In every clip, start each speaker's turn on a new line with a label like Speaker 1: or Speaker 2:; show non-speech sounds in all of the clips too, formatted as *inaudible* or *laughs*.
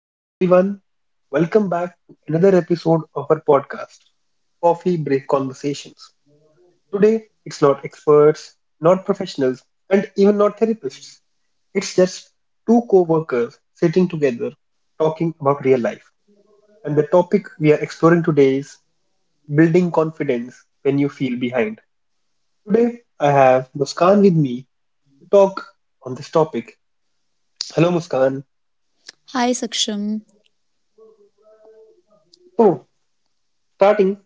Speaker 1: Hello, everyone. Welcome back to another episode of our podcast, Coffee Break Conversations. Today, it's not experts, not professionals, and even not therapists. It's just two co workers sitting together talking about real life. And the topic we are exploring today is building confidence when you feel behind. Today, I have Muskan with me to talk on this topic. Hello, Muskan.
Speaker 2: Hi Saksham.
Speaker 1: So, starting,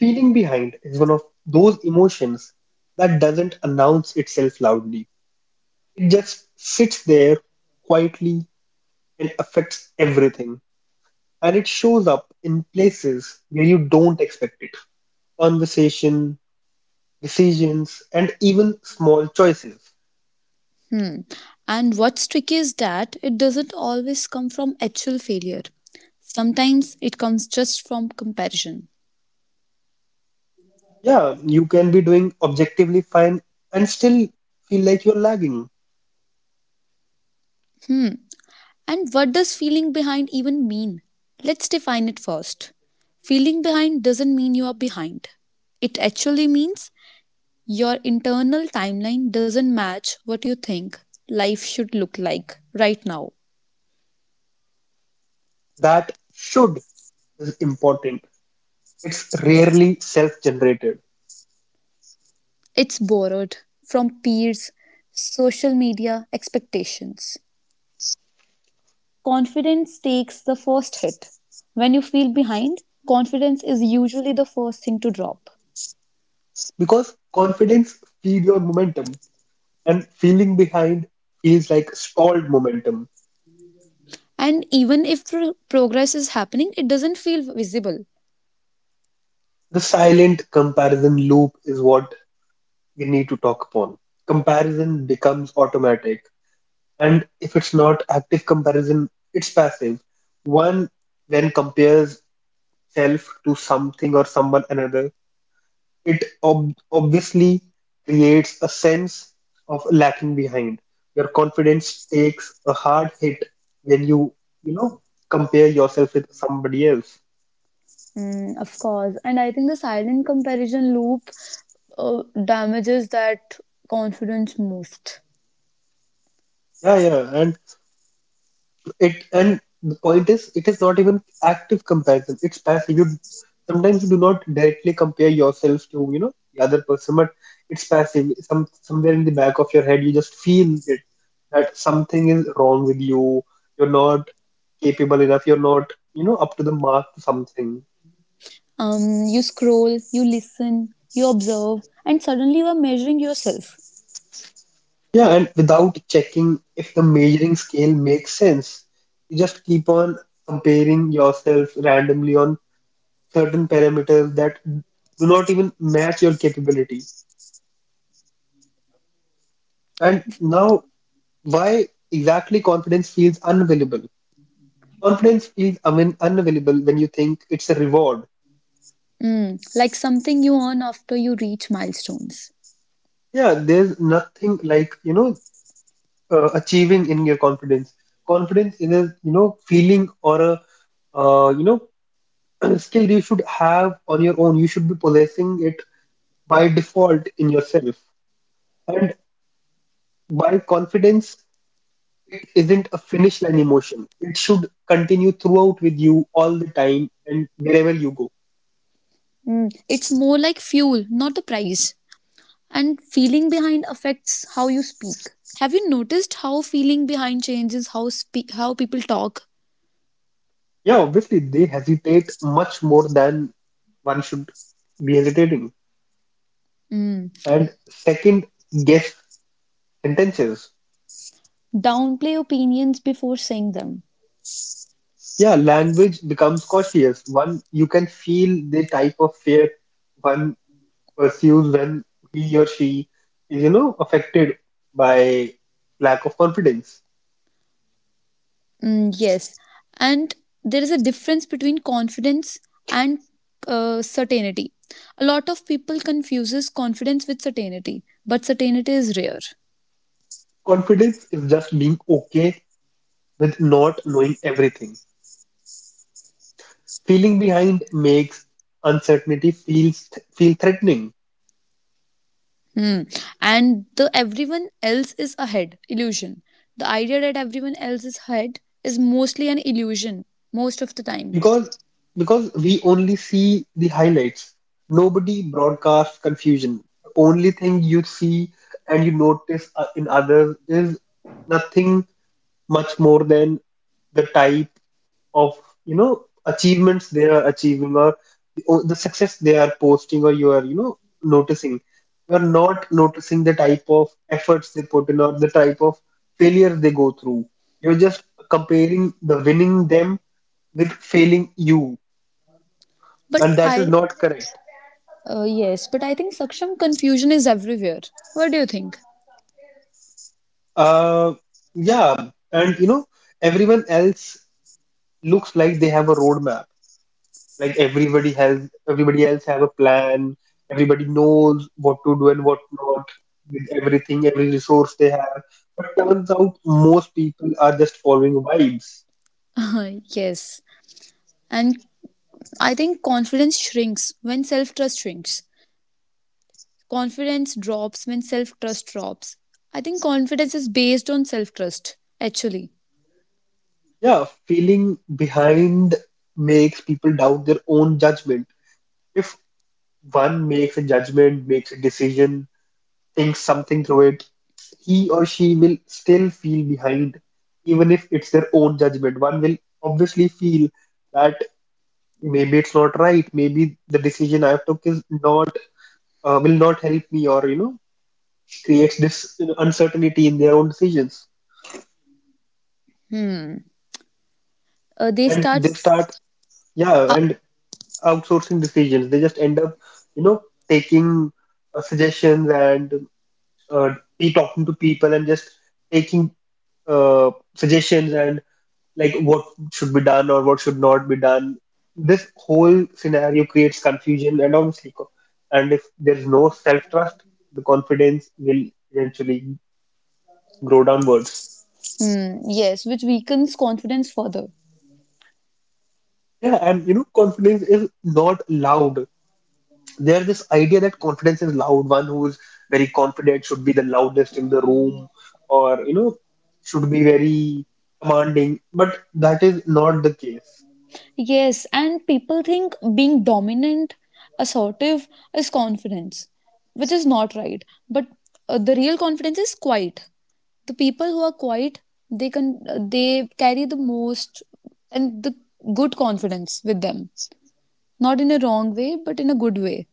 Speaker 1: feeling behind is one of those emotions that doesn't announce itself loudly. It just sits there quietly and affects everything. And it shows up in places where you don't expect it. Conversation, decisions, and even small choices.
Speaker 2: And what's tricky is that it doesn't always come from actual failure. Sometimes it comes just from comparison.
Speaker 1: Yeah, you can be doing objectively fine and still feel like you're lagging.
Speaker 2: Hmm. And what does feeling behind even mean? Let's define it first. Feeling behind doesn't mean you are behind. It actually means your internal timeline doesn't match what you think life should look like right now.
Speaker 1: That should is important. It's rarely self generated
Speaker 2: It's borrowed from peers, social media, expectations. Confidence takes the first hit. When you feel behind, confidence is usually the first thing to drop.
Speaker 1: because confidence feeds your momentum and feeling behind feels like stalled momentum.
Speaker 2: And even if progress is happening, it doesn't feel visible.
Speaker 1: The silent comparison loop is what we need to talk upon. Comparison becomes automatic, and if it's not active comparison, it's passive. One then compares self to something or someone another. It obviously creates a sense of lacking behind. Your confidence takes a hard hit when you compare yourself with somebody else.
Speaker 2: Of course. And I think the silent comparison loop damages that confidence most.
Speaker 1: Yeah, yeah, and it and the point is, it is not even active comparison. It's passive. You sometimes you do not directly compare yourself to the other person, but it's passive. Somewhere in the back of your head, you just feel it that something is wrong with you. You're not capable enough. You're not up to the mark to something.
Speaker 2: You scroll, you listen, you observe, and suddenly you are measuring yourself.
Speaker 1: Yeah, and without checking if the measuring scale makes sense, you just keep on comparing yourself randomly on certain parameters that do not even match your capabilities. And now, why exactly confidence feels unavailable? Confidence feels, I mean, unavailable when you think it's a reward.
Speaker 2: Mm, like something you earn after you reach milestones.
Speaker 1: Yeah, there's nothing like achieving in your confidence. Confidence is a feeling or a, uh, you know, *clears throat* skill you should have on your own. You should be possessing it by default in yourself. And by confidence, it isn't a finish line emotion. It should continue throughout with you all the time and wherever you go.
Speaker 2: Mm, it's more like fuel, not a price. And feeling behind affects how you speak. Have you noticed how feeling behind changes how how people talk?
Speaker 1: Yeah, obviously they hesitate much more than one should be hesitating.
Speaker 2: Mm,
Speaker 1: And second, guess sentences.
Speaker 2: downplay opinions before saying them.
Speaker 1: Yeah, language becomes cautious. One, you can feel the type of fear one pursues when he or she is affected by lack of confidence.
Speaker 2: Yes, and there is a difference between confidence and certainty. A lot of people confuses confidence with certainty, but certainty is rare.
Speaker 1: Confidence is just being okay with not knowing everything. Feeling behind makes uncertainty feel threatening.
Speaker 2: Hmm. And the everyone else is ahead illusion. The idea that everyone else is ahead is mostly an illusion most of the time.
Speaker 1: Because because we only see the highlights. Nobody broadcasts confusion. The only thing you see and you notice in others is nothing much more than the type of achievements they are achieving, or the success they are posting, or you are noticing. You are not noticing the type of efforts they put in or the type of failure they go through. You're just comparing the winning them with failing you,
Speaker 2: But
Speaker 1: and that is
Speaker 2: I,
Speaker 1: not correct.
Speaker 2: yes, but I think Saksham confusion is everywhere. What do you think?
Speaker 1: Uh yeah and you know everyone else looks like they have a roadmap. Like everybody else have a plan. Everybody knows what to do and what not with everything, every resource they have. But turns out most people are just following vibes.
Speaker 2: *laughs* yes. And I think confidence shrinks when self trust shrinks. Confidence drops when self trust drops. I think confidence is based on self trust, actually.
Speaker 1: Yeah, feeling behind makes people doubt their own judgment. If one makes a judgment, makes a decision, thinks something through it, he or she will still feel behind, even if it's their own judgment. One will obviously feel that maybe it's not right, maybe the decision I've took is not, will not help me, or creates this uncertainty in their own decisions.
Speaker 2: Hmm. They
Speaker 1: And
Speaker 2: start
Speaker 1: they start, yeah,
Speaker 2: uh,
Speaker 1: and outsourcing decisions. They just end up you know taking, suggestions, and be talking to people, and just taking, suggestions, and like what should be done or what should not be done. This whole scenario creates confusion and obviously, and if there's no self-trust, the confidence will eventually grow downwards.
Speaker 2: Mm, yes, which weakens confidence further.
Speaker 1: Yeah, and confidence is not loud. There's this idea that confidence is loud. One who's very confident should be the loudest in the room, or should be very commanding. But that is not the case.
Speaker 2: Yes, and people think being dominant, assertive is confidence, which is not right. But the real confidence is quiet. The people who are quiet, they can they carry the most and the good confidence with them. Not in a wrong way, but in a good way.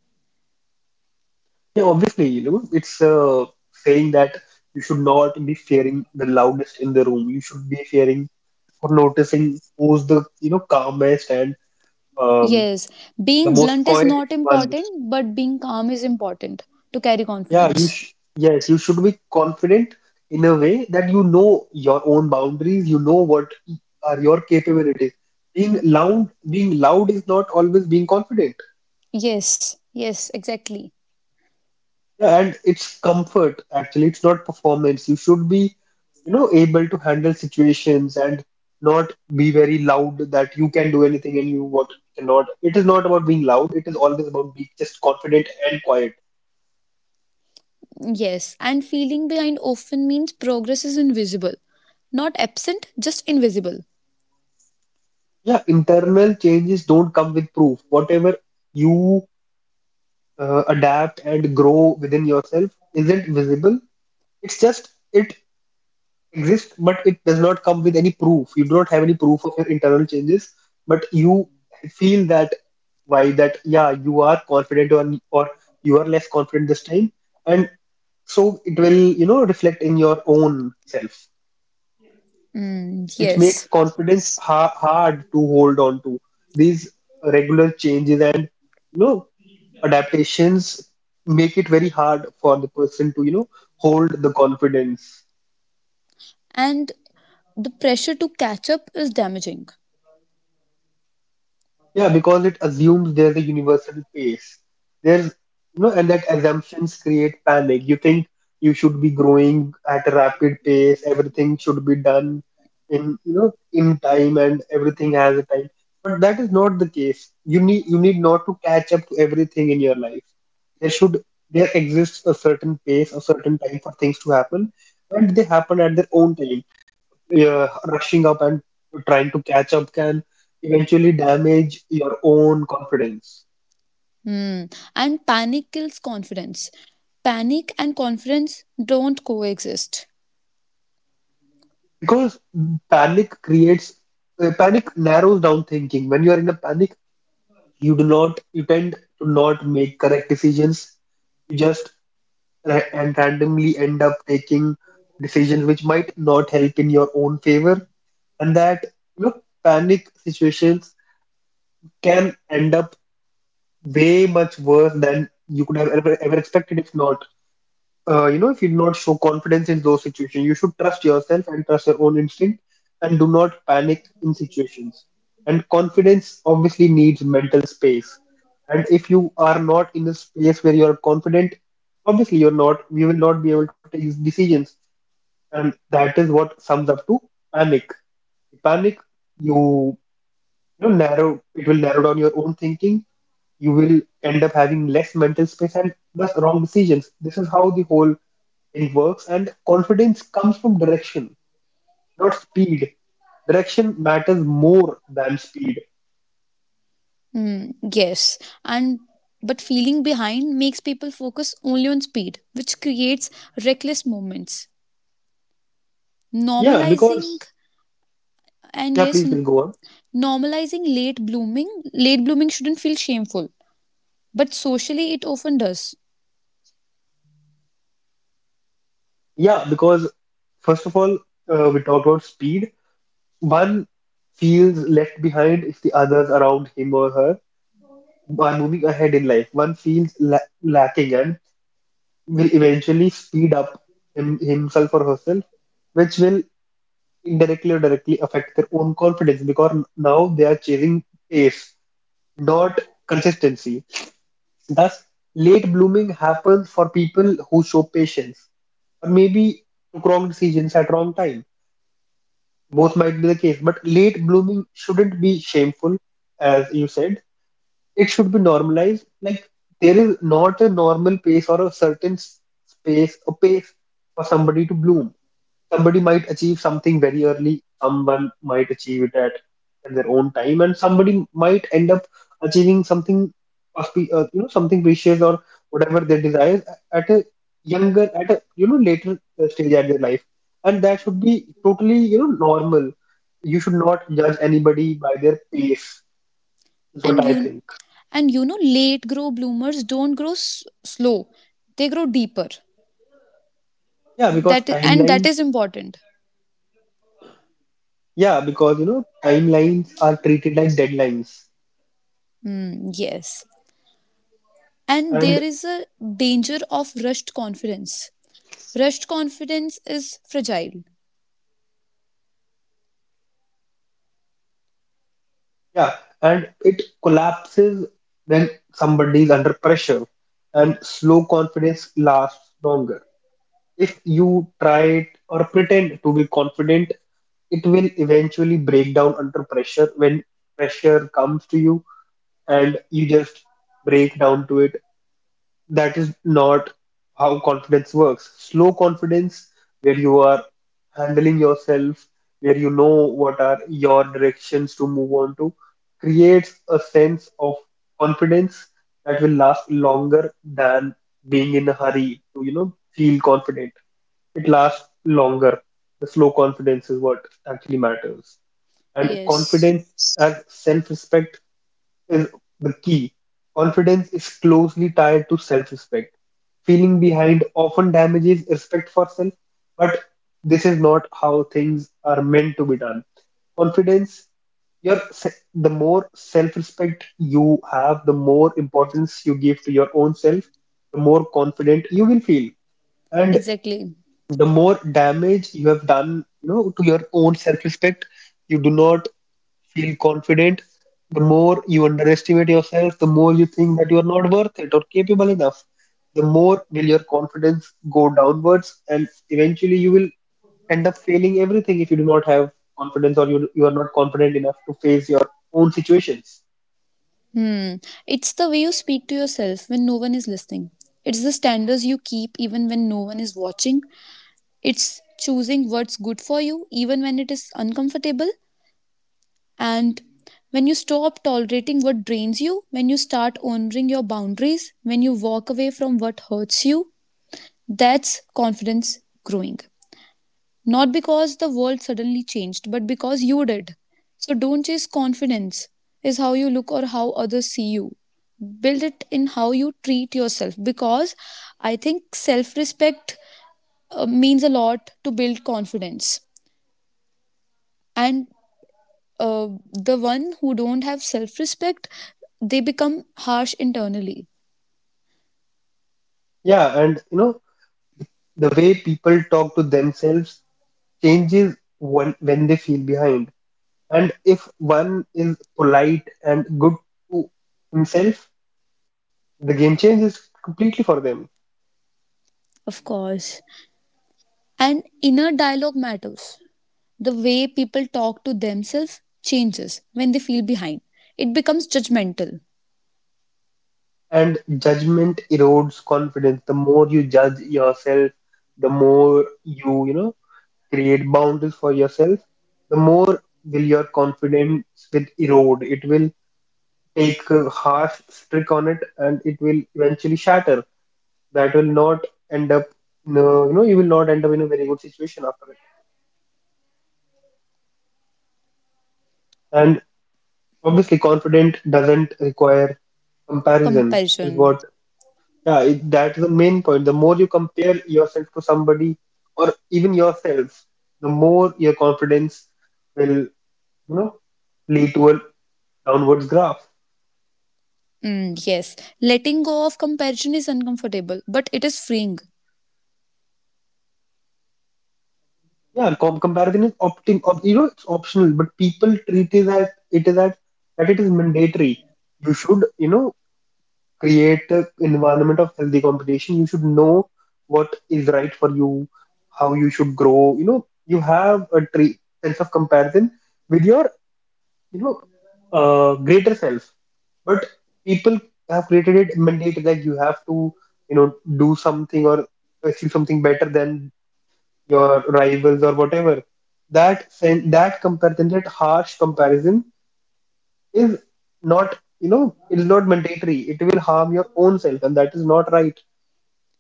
Speaker 1: Yeah, obviously, it's saying that you should not be fearing the loudest in the room. You should be fearing or noticing who's the calmest and um,
Speaker 2: Yes,
Speaker 1: the
Speaker 2: being
Speaker 1: most
Speaker 2: blunt is
Speaker 1: quiet
Speaker 2: not
Speaker 1: one.
Speaker 2: important, but being calm is important to carry
Speaker 1: Yeah, you
Speaker 2: confidence.
Speaker 1: sh yes, you should be confident in a way that you know your own boundaries. You know what are your capabilities. Being loud is not always being confident.
Speaker 2: Yes, yes, exactly.
Speaker 1: Yeah, and it's comfort, actually. It's not performance. You should be able to handle situations and not be very loud that you can do anything and you what cannot. It is not about being loud. It is always about being just confident and quiet.
Speaker 2: Yes, and feeling behind often means progress is invisible. Not absent, just invisible.
Speaker 1: Yeah, internal changes don't come with proof. Whatever you adapt and grow within yourself isn't visible. It's just, it exists, but it does not come with any proof. You do not have any proof of your internal changes, but you feel that, why that, yeah, you are confident or you are less confident this time. And so it will, reflect in your own self,
Speaker 2: Mm,
Speaker 1: which makes
Speaker 2: yes.
Speaker 1: confidence hard to hold on to. These regular changes and you know adaptations make it very hard for the person to hold the confidence.
Speaker 2: And the pressure to catch up is damaging.
Speaker 1: Yeah, because it assumes there's a universal pace. There's, and that assumptions create panic. You think you should be growing at a rapid pace, everything should be done in time, and everything has a time. But that is not the case. You need not to catch up to everything in your life. There should there exists a certain pace, a certain time for things to happen, and they happen at their own time. Rushing up and trying to catch up can eventually damage your own confidence.
Speaker 2: Mm. And panic kills confidence. Panic and confidence don't coexist.
Speaker 1: Because panic creates panic narrows down thinking. When you are in a panic, you tend to not make correct decisions. You just ra and randomly end up taking decisions which might not help in your own favor. And that, you know panic situations can end up way much worse than you could have ever, ever expected, if not, if you do not show confidence in those situations. You should trust yourself and trust your own instinct, and do not panic in situations. And confidence obviously needs mental space. And if you are not in a space where you are confident, obviously, you're not, you will not be able to take decisions. And that is what sums up to panic. Panic, you, it will narrow down your own thinking. You will end up having less mental space and thus wrong decisions. This is how the whole in works. And confidence comes from direction, not speed. Direction matters more than speed.
Speaker 2: Mm, yes. And but feeling behind makes people focus only on speed, which creates reckless movements.
Speaker 1: Yeah,
Speaker 2: Normalizing
Speaker 1: because, yeah,
Speaker 2: and
Speaker 1: please,
Speaker 2: yes,
Speaker 1: we'll go on.
Speaker 2: normalizing late blooming shouldn't feel shameful but socially it often does.
Speaker 1: Yeah, because first of all, we talked about speed. One feels left behind if the others around him or her are moving ahead in life. One feels lacking and will eventually speed up himself or herself, which will indirectly or directly affect their own confidence because now they are chasing pace, not consistency. Thus, late blooming happens for people who show patience, or maybe took wrong decisions at wrong time. Both might be the case, but late blooming shouldn't be shameful, as you said. It should be normalized. Like, there is not a normal pace or a certain space, a pace for somebody to bloom. Somebody might achieve something very early, someone might achieve it at their own time, and somebody might end up achieving something, something precious or whatever they desire at a at a later stage at their life, and that should be totally normal. You should not judge anybody by their pace. Is what
Speaker 2: and
Speaker 1: I
Speaker 2: you
Speaker 1: think.
Speaker 2: and you know late grow bloomers don't grow slow, they grow deeper.
Speaker 1: Yeah, because
Speaker 2: And that
Speaker 1: timelines.
Speaker 2: is important.
Speaker 1: Yeah, because timelines are treated like deadlines,
Speaker 2: Hmm, yes, and there
Speaker 1: and
Speaker 2: is a danger of rushed confidence. Rushed confidence is fragile.
Speaker 1: yeah, and it collapses when somebody is under pressure, and slow confidence lasts longer. If you try it or pretend to be confident, it will eventually break down under pressure when pressure comes to you and you just break down to it. That is not how confidence works. Slow confidence, where you are handling yourself, where you know what are your directions to move on to, creates a sense of confidence that will last longer than being in a hurry to feel confident. It lasts longer. The slow confidence is what actually matters. And
Speaker 2: Yes,
Speaker 1: confidence as self-respect is the key. Confidence is closely tied to self respect. Feeling behind often damages respect for self, but this is not how things are meant to be done. Confidence, the more self respect you have, the more importance you give to your own self, the more confident you will feel. And
Speaker 2: exactly.
Speaker 1: the more damage you have done, you know, to your own self-respect, you do not feel confident, the more you underestimate yourself, the more you think that you are not worth it or capable enough, the more will your confidence go downwards, and eventually you will end up failing everything if you do not have confidence or you are not confident enough to face your own situations.
Speaker 2: Hmm, it's the way you speak to yourself when no one is listening. It's the standards you keep even when no one is watching. It's choosing what's good for you, even when it is uncomfortable. And when you stop tolerating what drains you, when you start honoring your boundaries, when you walk away from what hurts you, that's confidence growing. Not because the world suddenly changed, but because you did. So don't chase confidence, is how you look or how others see you. Build it in how you treat yourself, because I think self respect means a lot to build confidence. And the one who don't have self-respect, they become harsh internally.
Speaker 1: Yeah, and you know, the way people talk to themselves changes when they feel behind. And if one is polite and good to himself, the game changes completely for them.
Speaker 2: Of course. And inner dialogue matters. The way people talk to themselves changes when they feel behind. It becomes judgmental.
Speaker 1: And judgment erodes confidence. The more you judge yourself, the more you, you know, create boundaries for yourself, the more will your confidence will erode. It will take a harsh trick on it and it will eventually shatter. That will not end up no, you know, you will not end up in a very good situation after it. And obviously confident doesn't require. Comparison is
Speaker 2: Comparison,
Speaker 1: what, yeah, it, that's the main point. The more you compare yourself to somebody or even yourself, the more your confidence will, you know, lead to a downwards graph.
Speaker 2: mm, yes. Letting go of comparison is uncomfortable, but it is freeing.
Speaker 1: Yeah, comparison is you know, it's optional, but people treat it as it is as that it is mandatory. You should, you know, create an environment of healthy competition. You should know what is right for you, how you should grow. You know, you have a sense of comparison with your you know, greater self. But people have created it mandate like you have to, you know, do something or achieve something better than your rivals or whatever. That comparison, that harsh comparison, is not, you know, it is not mandatory. It will harm your own self, and that is not right.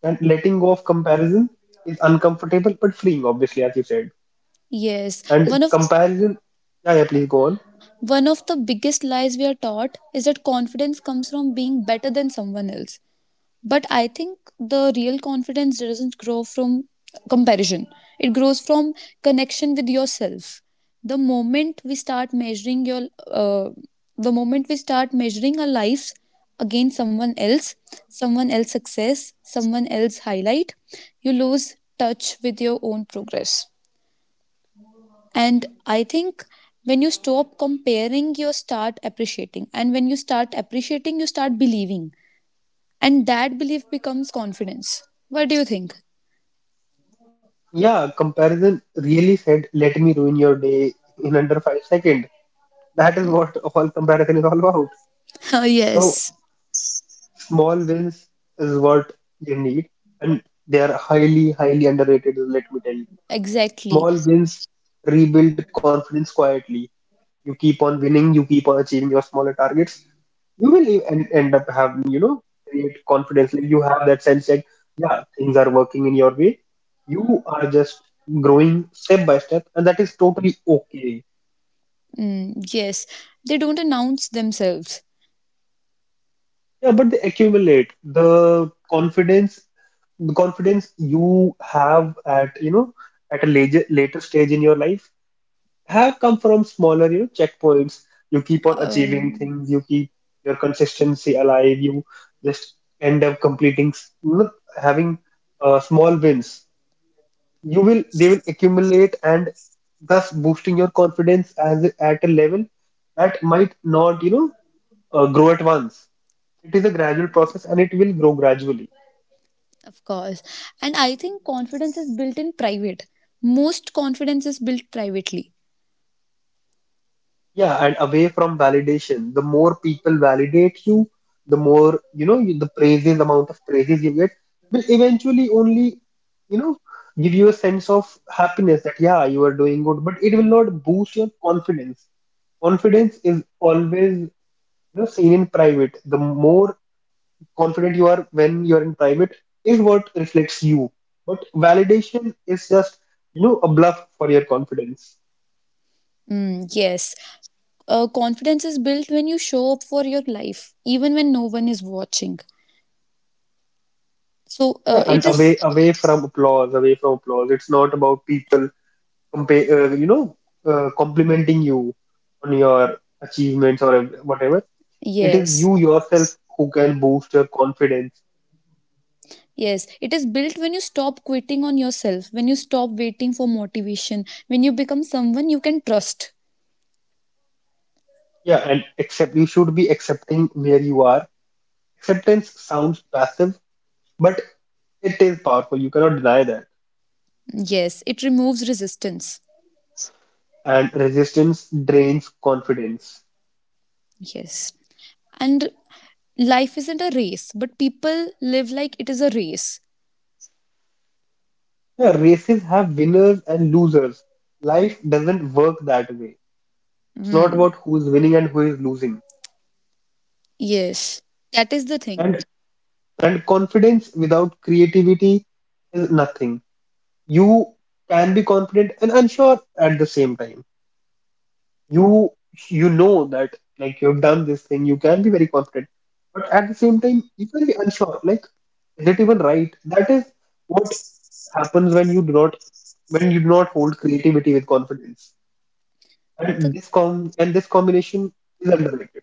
Speaker 1: And letting go of comparison is uncomfortable but freeing, obviously, as you said.
Speaker 2: Yes,
Speaker 1: And
Speaker 2: one of
Speaker 1: comparison, yeah, yeah, please go on.
Speaker 2: one of the biggest lies we are taught is that confidence comes from being better than someone else. But I think the real confidence doesn't grow from comparison, it grows from connection with yourself. The moment we start measuring uh, our lives against someone else success, someone else highlight, you lose touch with your own progress. And I think when you stop comparing, you start appreciating. And when you start appreciating, you start believing. And that belief becomes confidence. What do you think?
Speaker 1: Yeah, comparison really said, let me ruin your day in under 5 seconds. That is what all comparison is all about.
Speaker 2: *laughs*
Speaker 1: So
Speaker 2: yes.
Speaker 1: small wins is what you need, and they are highly, highly underrated, let me tell you.
Speaker 2: Exactly.
Speaker 1: Small wins rebuild confidence quietly. You keep on winning, you keep on achieving your smaller targets, you will end up having, you know, create confidence like you have that sense that yeah, things are working in your way, you are just growing step by step, and that is totally okay.
Speaker 2: Mm, yes. They don't announce themselves.
Speaker 1: Yeah, but they accumulate the confidence. The confidence you have at, you know, at a later stage in your life have come from smaller, you know, checkpoints. You keep on achieving
Speaker 2: Um,
Speaker 1: things, you keep your consistency alive, you just end up completing, you know, having small wins. You will, they will accumulate and thus boosting your confidence as at a level that might not, you know, grow at once. It is a gradual process and it will grow gradually.
Speaker 2: of course. And I think confidence is built in private. Most confidence is built privately.
Speaker 1: Yeah, and away from validation, the more people validate you, the more, you know, you, the praises, amount of praises you get will eventually only, you know, give you a sense of happiness that, yeah, you are doing good, but it will not boost your confidence. Confidence is always, you know, seen in private. The more confident you are when you are in private is what reflects you. But validation is just, you know, a bluff for your confidence.
Speaker 2: Mm, yes. Confidence is built when you show up for your life, even when no one is watching. So
Speaker 1: Yeah,
Speaker 2: uh,
Speaker 1: and
Speaker 2: it
Speaker 1: away
Speaker 2: is,
Speaker 1: away from applause, away from applause. It's not about people you know, complimenting you on your achievements or whatever. It is
Speaker 2: yes.
Speaker 1: you yourself who can boost your confidence.
Speaker 2: Yes, it is built when you stop quitting on yourself, when you stop waiting for motivation, when you become someone you can trust.
Speaker 1: Yeah, and accept you should be accepting where you are. Acceptance sounds passive, but it is powerful. You cannot deny that.
Speaker 2: Yes, it removes resistance.
Speaker 1: And resistance drains confidence.
Speaker 2: Yes. And life isn't a race, but people live like it is a race.
Speaker 1: Yeah, races have winners and losers. Life doesn't work that way. It's not
Speaker 2: Mm,
Speaker 1: about who is winning and who is losing.
Speaker 2: yes. That is the thing.
Speaker 1: And and confidence without creativity is nothing. You can be confident and unsure at the same time. You you know that like you've done this thing, you can be very confident, but at the same time you can be unsure. Like, is it even right? That is what happens when you do not hold creativity with confidence.
Speaker 2: The
Speaker 1: And this combination is underrated.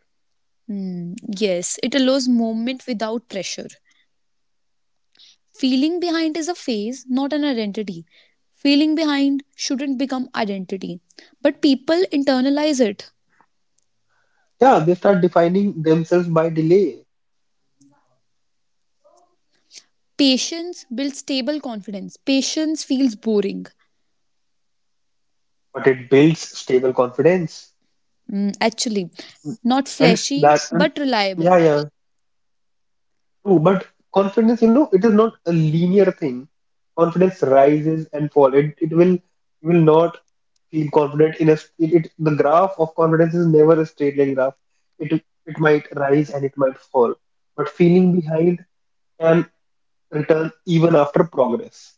Speaker 2: mm, yes, it allows movement without pressure. Feeling behind is a phase, not an identity. Feeling behind shouldn't become identity. But people internalize it.
Speaker 1: Yeah, they start defining themselves by delay,
Speaker 2: Patience builds stable confidence. Patience feels boring,
Speaker 1: but it builds stable confidence.
Speaker 2: mm, actually, not
Speaker 1: And
Speaker 2: flashy
Speaker 1: that, and
Speaker 2: but reliable.
Speaker 1: yeah, yeah, true. But confidence, you know, it is not a linear thing. Confidence rises and falls. You will not feel confident in a, the graph of confidence is never a straight line graph. It might rise and it might fall. But feeling behind can return even after progress.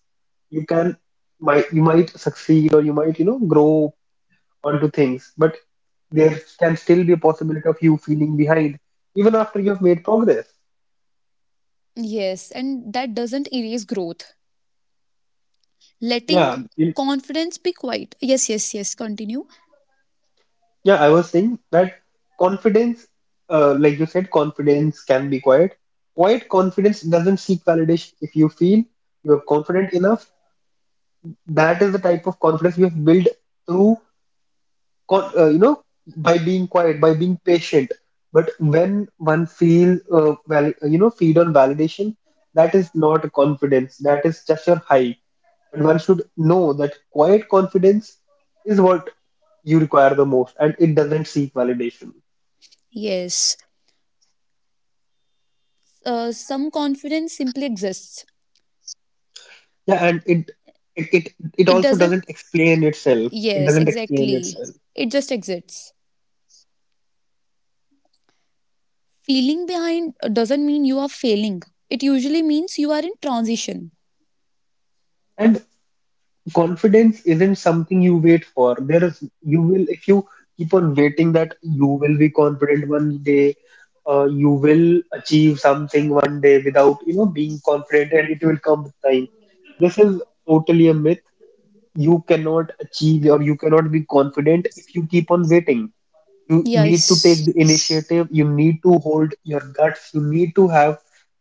Speaker 1: You can, you might succeed or you might, you know, grow onto things, but there can still be a possibility of you feeling behind even after you've made progress.
Speaker 2: Yes, and that doesn't erase growth. Letting
Speaker 1: Yeah, you-
Speaker 2: confidence be quiet. Yes, yes, yes. Continue.
Speaker 1: yeah, I was saying that confidence, like you said, confidence can be quiet. Quiet confidence doesn't seek validation. If you feel you're confident enough, that is the type of confidence you have built through, you know, by being quiet, by being patient. But when one feel, you know, feed on validation, that is not confidence. That is just your hype. And one should know that quiet confidence is what you require the most, and it doesn't seek validation.
Speaker 2: Yes. Some confidence simply exists.
Speaker 1: Yeah, and it
Speaker 2: It
Speaker 1: also
Speaker 2: doesn't.
Speaker 1: doesn't explain itself. It
Speaker 2: Yes,
Speaker 1: doesn't explain
Speaker 2: exactly.
Speaker 1: itself.
Speaker 2: It just exists. Feeling behind doesn't mean you are failing. It usually means you are in transition.
Speaker 1: And confidence isn't something you wait for. There is you will if you keep on waiting that you will be confident one day, you will achieve something one day without, you know, being confident, and it will come with time. This is totally a myth. You cannot achieve or you cannot be confident if you keep on waiting. You need to take
Speaker 2: Yes.
Speaker 1: the initiative, you need to hold your guts, you need to have,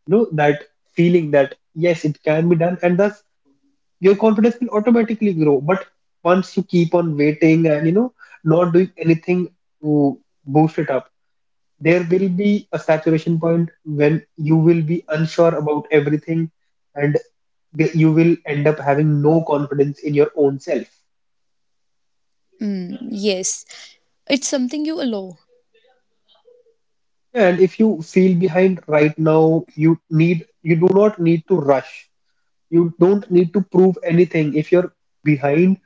Speaker 1: you know, that feeling that yes, it can be done, and thus your confidence will automatically grow. But once you keep on waiting and, you know, not doing anything to boost it up, there will be a saturation point when you will be unsure about everything and you will end up having no confidence in your own self.
Speaker 2: Mm, yes. It's something you allow.
Speaker 1: And if you feel behind right now, you do not need to rush. You don't need to prove anything. If you're behind,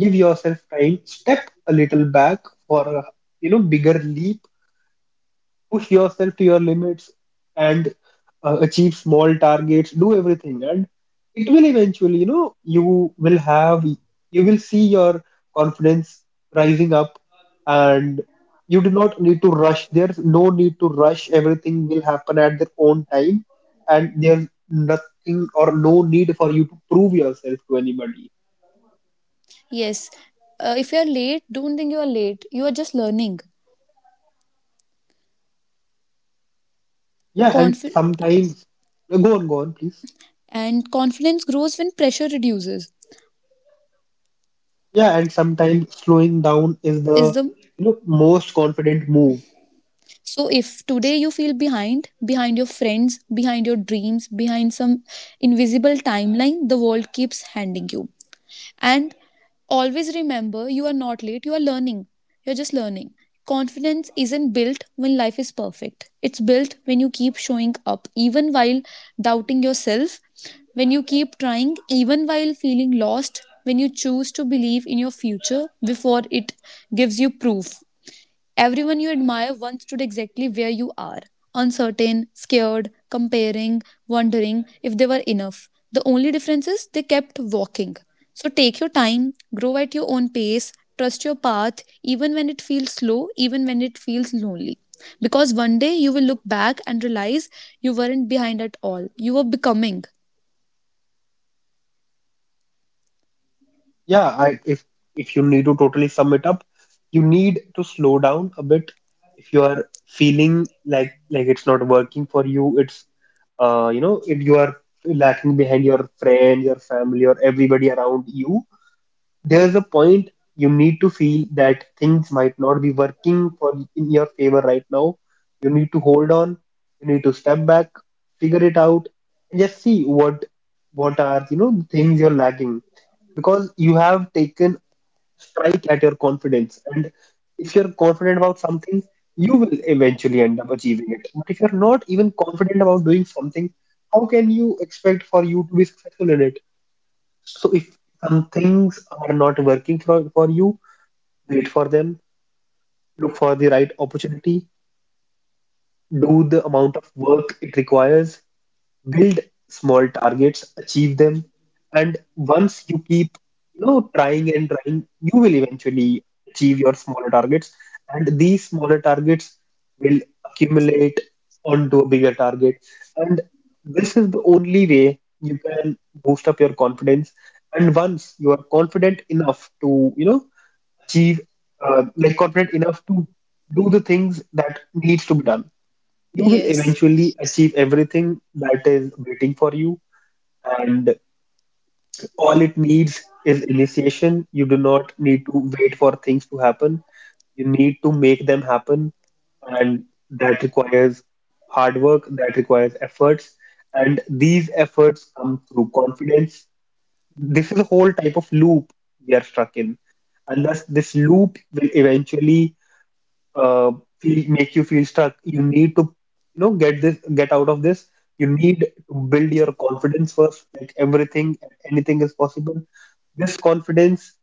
Speaker 1: give yourself time, step a little back for a, you know, bigger leap, push yourself to your limits, and achieve small targets, do everything, and it will eventually, you know, you will have, you will see your confidence rising up, and you do not need to rush. There's no need to rush. Everything will happen at their own time, and there's nothing or no need for you to prove yourself to anybody.
Speaker 2: Yes, if you are late, don't think you are late. You are just learning.
Speaker 1: Yeah, and
Speaker 2: Confi-
Speaker 1: sometimes go on, please.
Speaker 2: and confidence grows when pressure reduces.
Speaker 1: Yeah, and sometimes slowing down is
Speaker 2: Is
Speaker 1: the,
Speaker 2: the
Speaker 1: you know, most confident move.
Speaker 2: So if today you feel behind, behind your friends, behind your dreams, behind some invisible timeline the world keeps handing you. And always remember, you are not late, you are learning. You're just learning. Confidence isn't built when life is perfect, it's built when you keep showing up, even while doubting yourself, when you keep trying, even while feeling lost, when you choose to believe in your future before it gives you proof. Everyone you admire once stood exactly where you are, uncertain, scared, comparing, wondering if they were enough. The only difference is they kept walking. So take your time, grow at your own pace, trust your path, even when it feels slow, even when it feels lonely. Because one day you will look back and realize you weren't behind at all. You were becoming.
Speaker 1: Yeah, I, if you need to totally sum it up, you need to slow down a bit. If you are feeling like it's not working for you, it's you know, if you are lacking behind your friend, your family, or everybody around you, there's a point you need to feel that things might not be working for in your favor right now. You need to hold on, you need to step back, figure it out, and just see what are, you know, the things you're lacking, because you have taken strike at your confidence, and if you're confident about something you will eventually end up achieving it, but if you're not even confident about doing something, how can you expect for you to be successful in it? So if some things are not working for you, wait for them, look for the right opportunity, do the amount of work it requires, build small targets, achieve them, and once you keep, you know, trying and trying, you will eventually achieve your smaller targets, and these smaller targets will accumulate onto a bigger target, and this is the only way you can boost up your confidence. And once you are confident enough to, you know, achieve, like confident enough to do the things that needs to be done, you will
Speaker 2: Yes.
Speaker 1: eventually achieve everything that is waiting for you. And all it needs is initiation. You do not need to wait for things to happen, you need to make them happen, and that requires hard work, that requires efforts, and these efforts come through confidence. This is a whole type of loop we are stuck in, and thus this loop will eventually, uh, feel make you feel stuck. You need to, you know, get out of this, you need to build your confidence first, like everything and anything is possible. This confidence,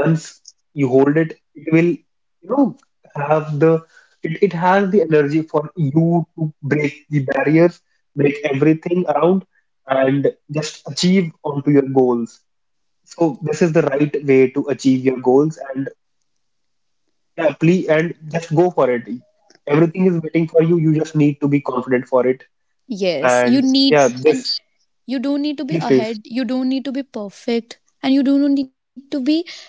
Speaker 1: once you hold it, it will, you know, have the, it has the energy for you to break the barriers, break everything around, and just achieve onto your goals. So this is the right way to achieve your goals. And exactly, and just go for it. Everything is waiting for you. You just need to be confident for it.
Speaker 2: Yes. You
Speaker 1: And
Speaker 2: need,
Speaker 1: yeah,
Speaker 2: and
Speaker 1: this,
Speaker 2: you don't need to be
Speaker 1: please, please.
Speaker 2: ahead. You don't need to be perfect. And you don't need to be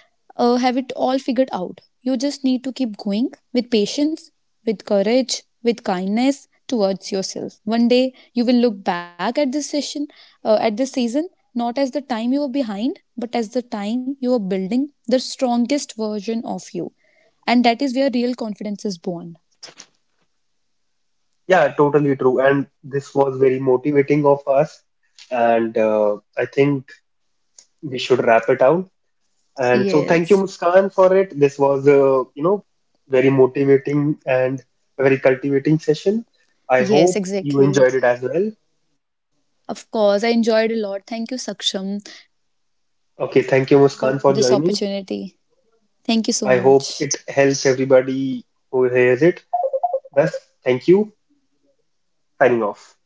Speaker 2: have it all figured out. You just need to keep going with patience, with courage, with kindness towards yourself. One day you will look back at this season, not as the time you were behind, but as the time you were building the strongest version of you. And that is where real confidence is born.
Speaker 1: Yeah, totally true. And this was very motivating of us. And I think we should wrap it out. And so thank you,
Speaker 2: Yes.
Speaker 1: Muskan, for it. This was you know, very motivating and very cultivating session. I
Speaker 2: Yes,
Speaker 1: hope you
Speaker 2: exactly.
Speaker 1: enjoyed it as well.
Speaker 2: Of course, I enjoyed a lot. Thank you, Saksham,
Speaker 1: Okay, thank you,
Speaker 2: for
Speaker 1: Muskan,
Speaker 2: this
Speaker 1: for joining.
Speaker 2: opportunity. Thank you so
Speaker 1: I
Speaker 2: much.
Speaker 1: hope it helps everybody who hears it. Thus, thank you, signing off.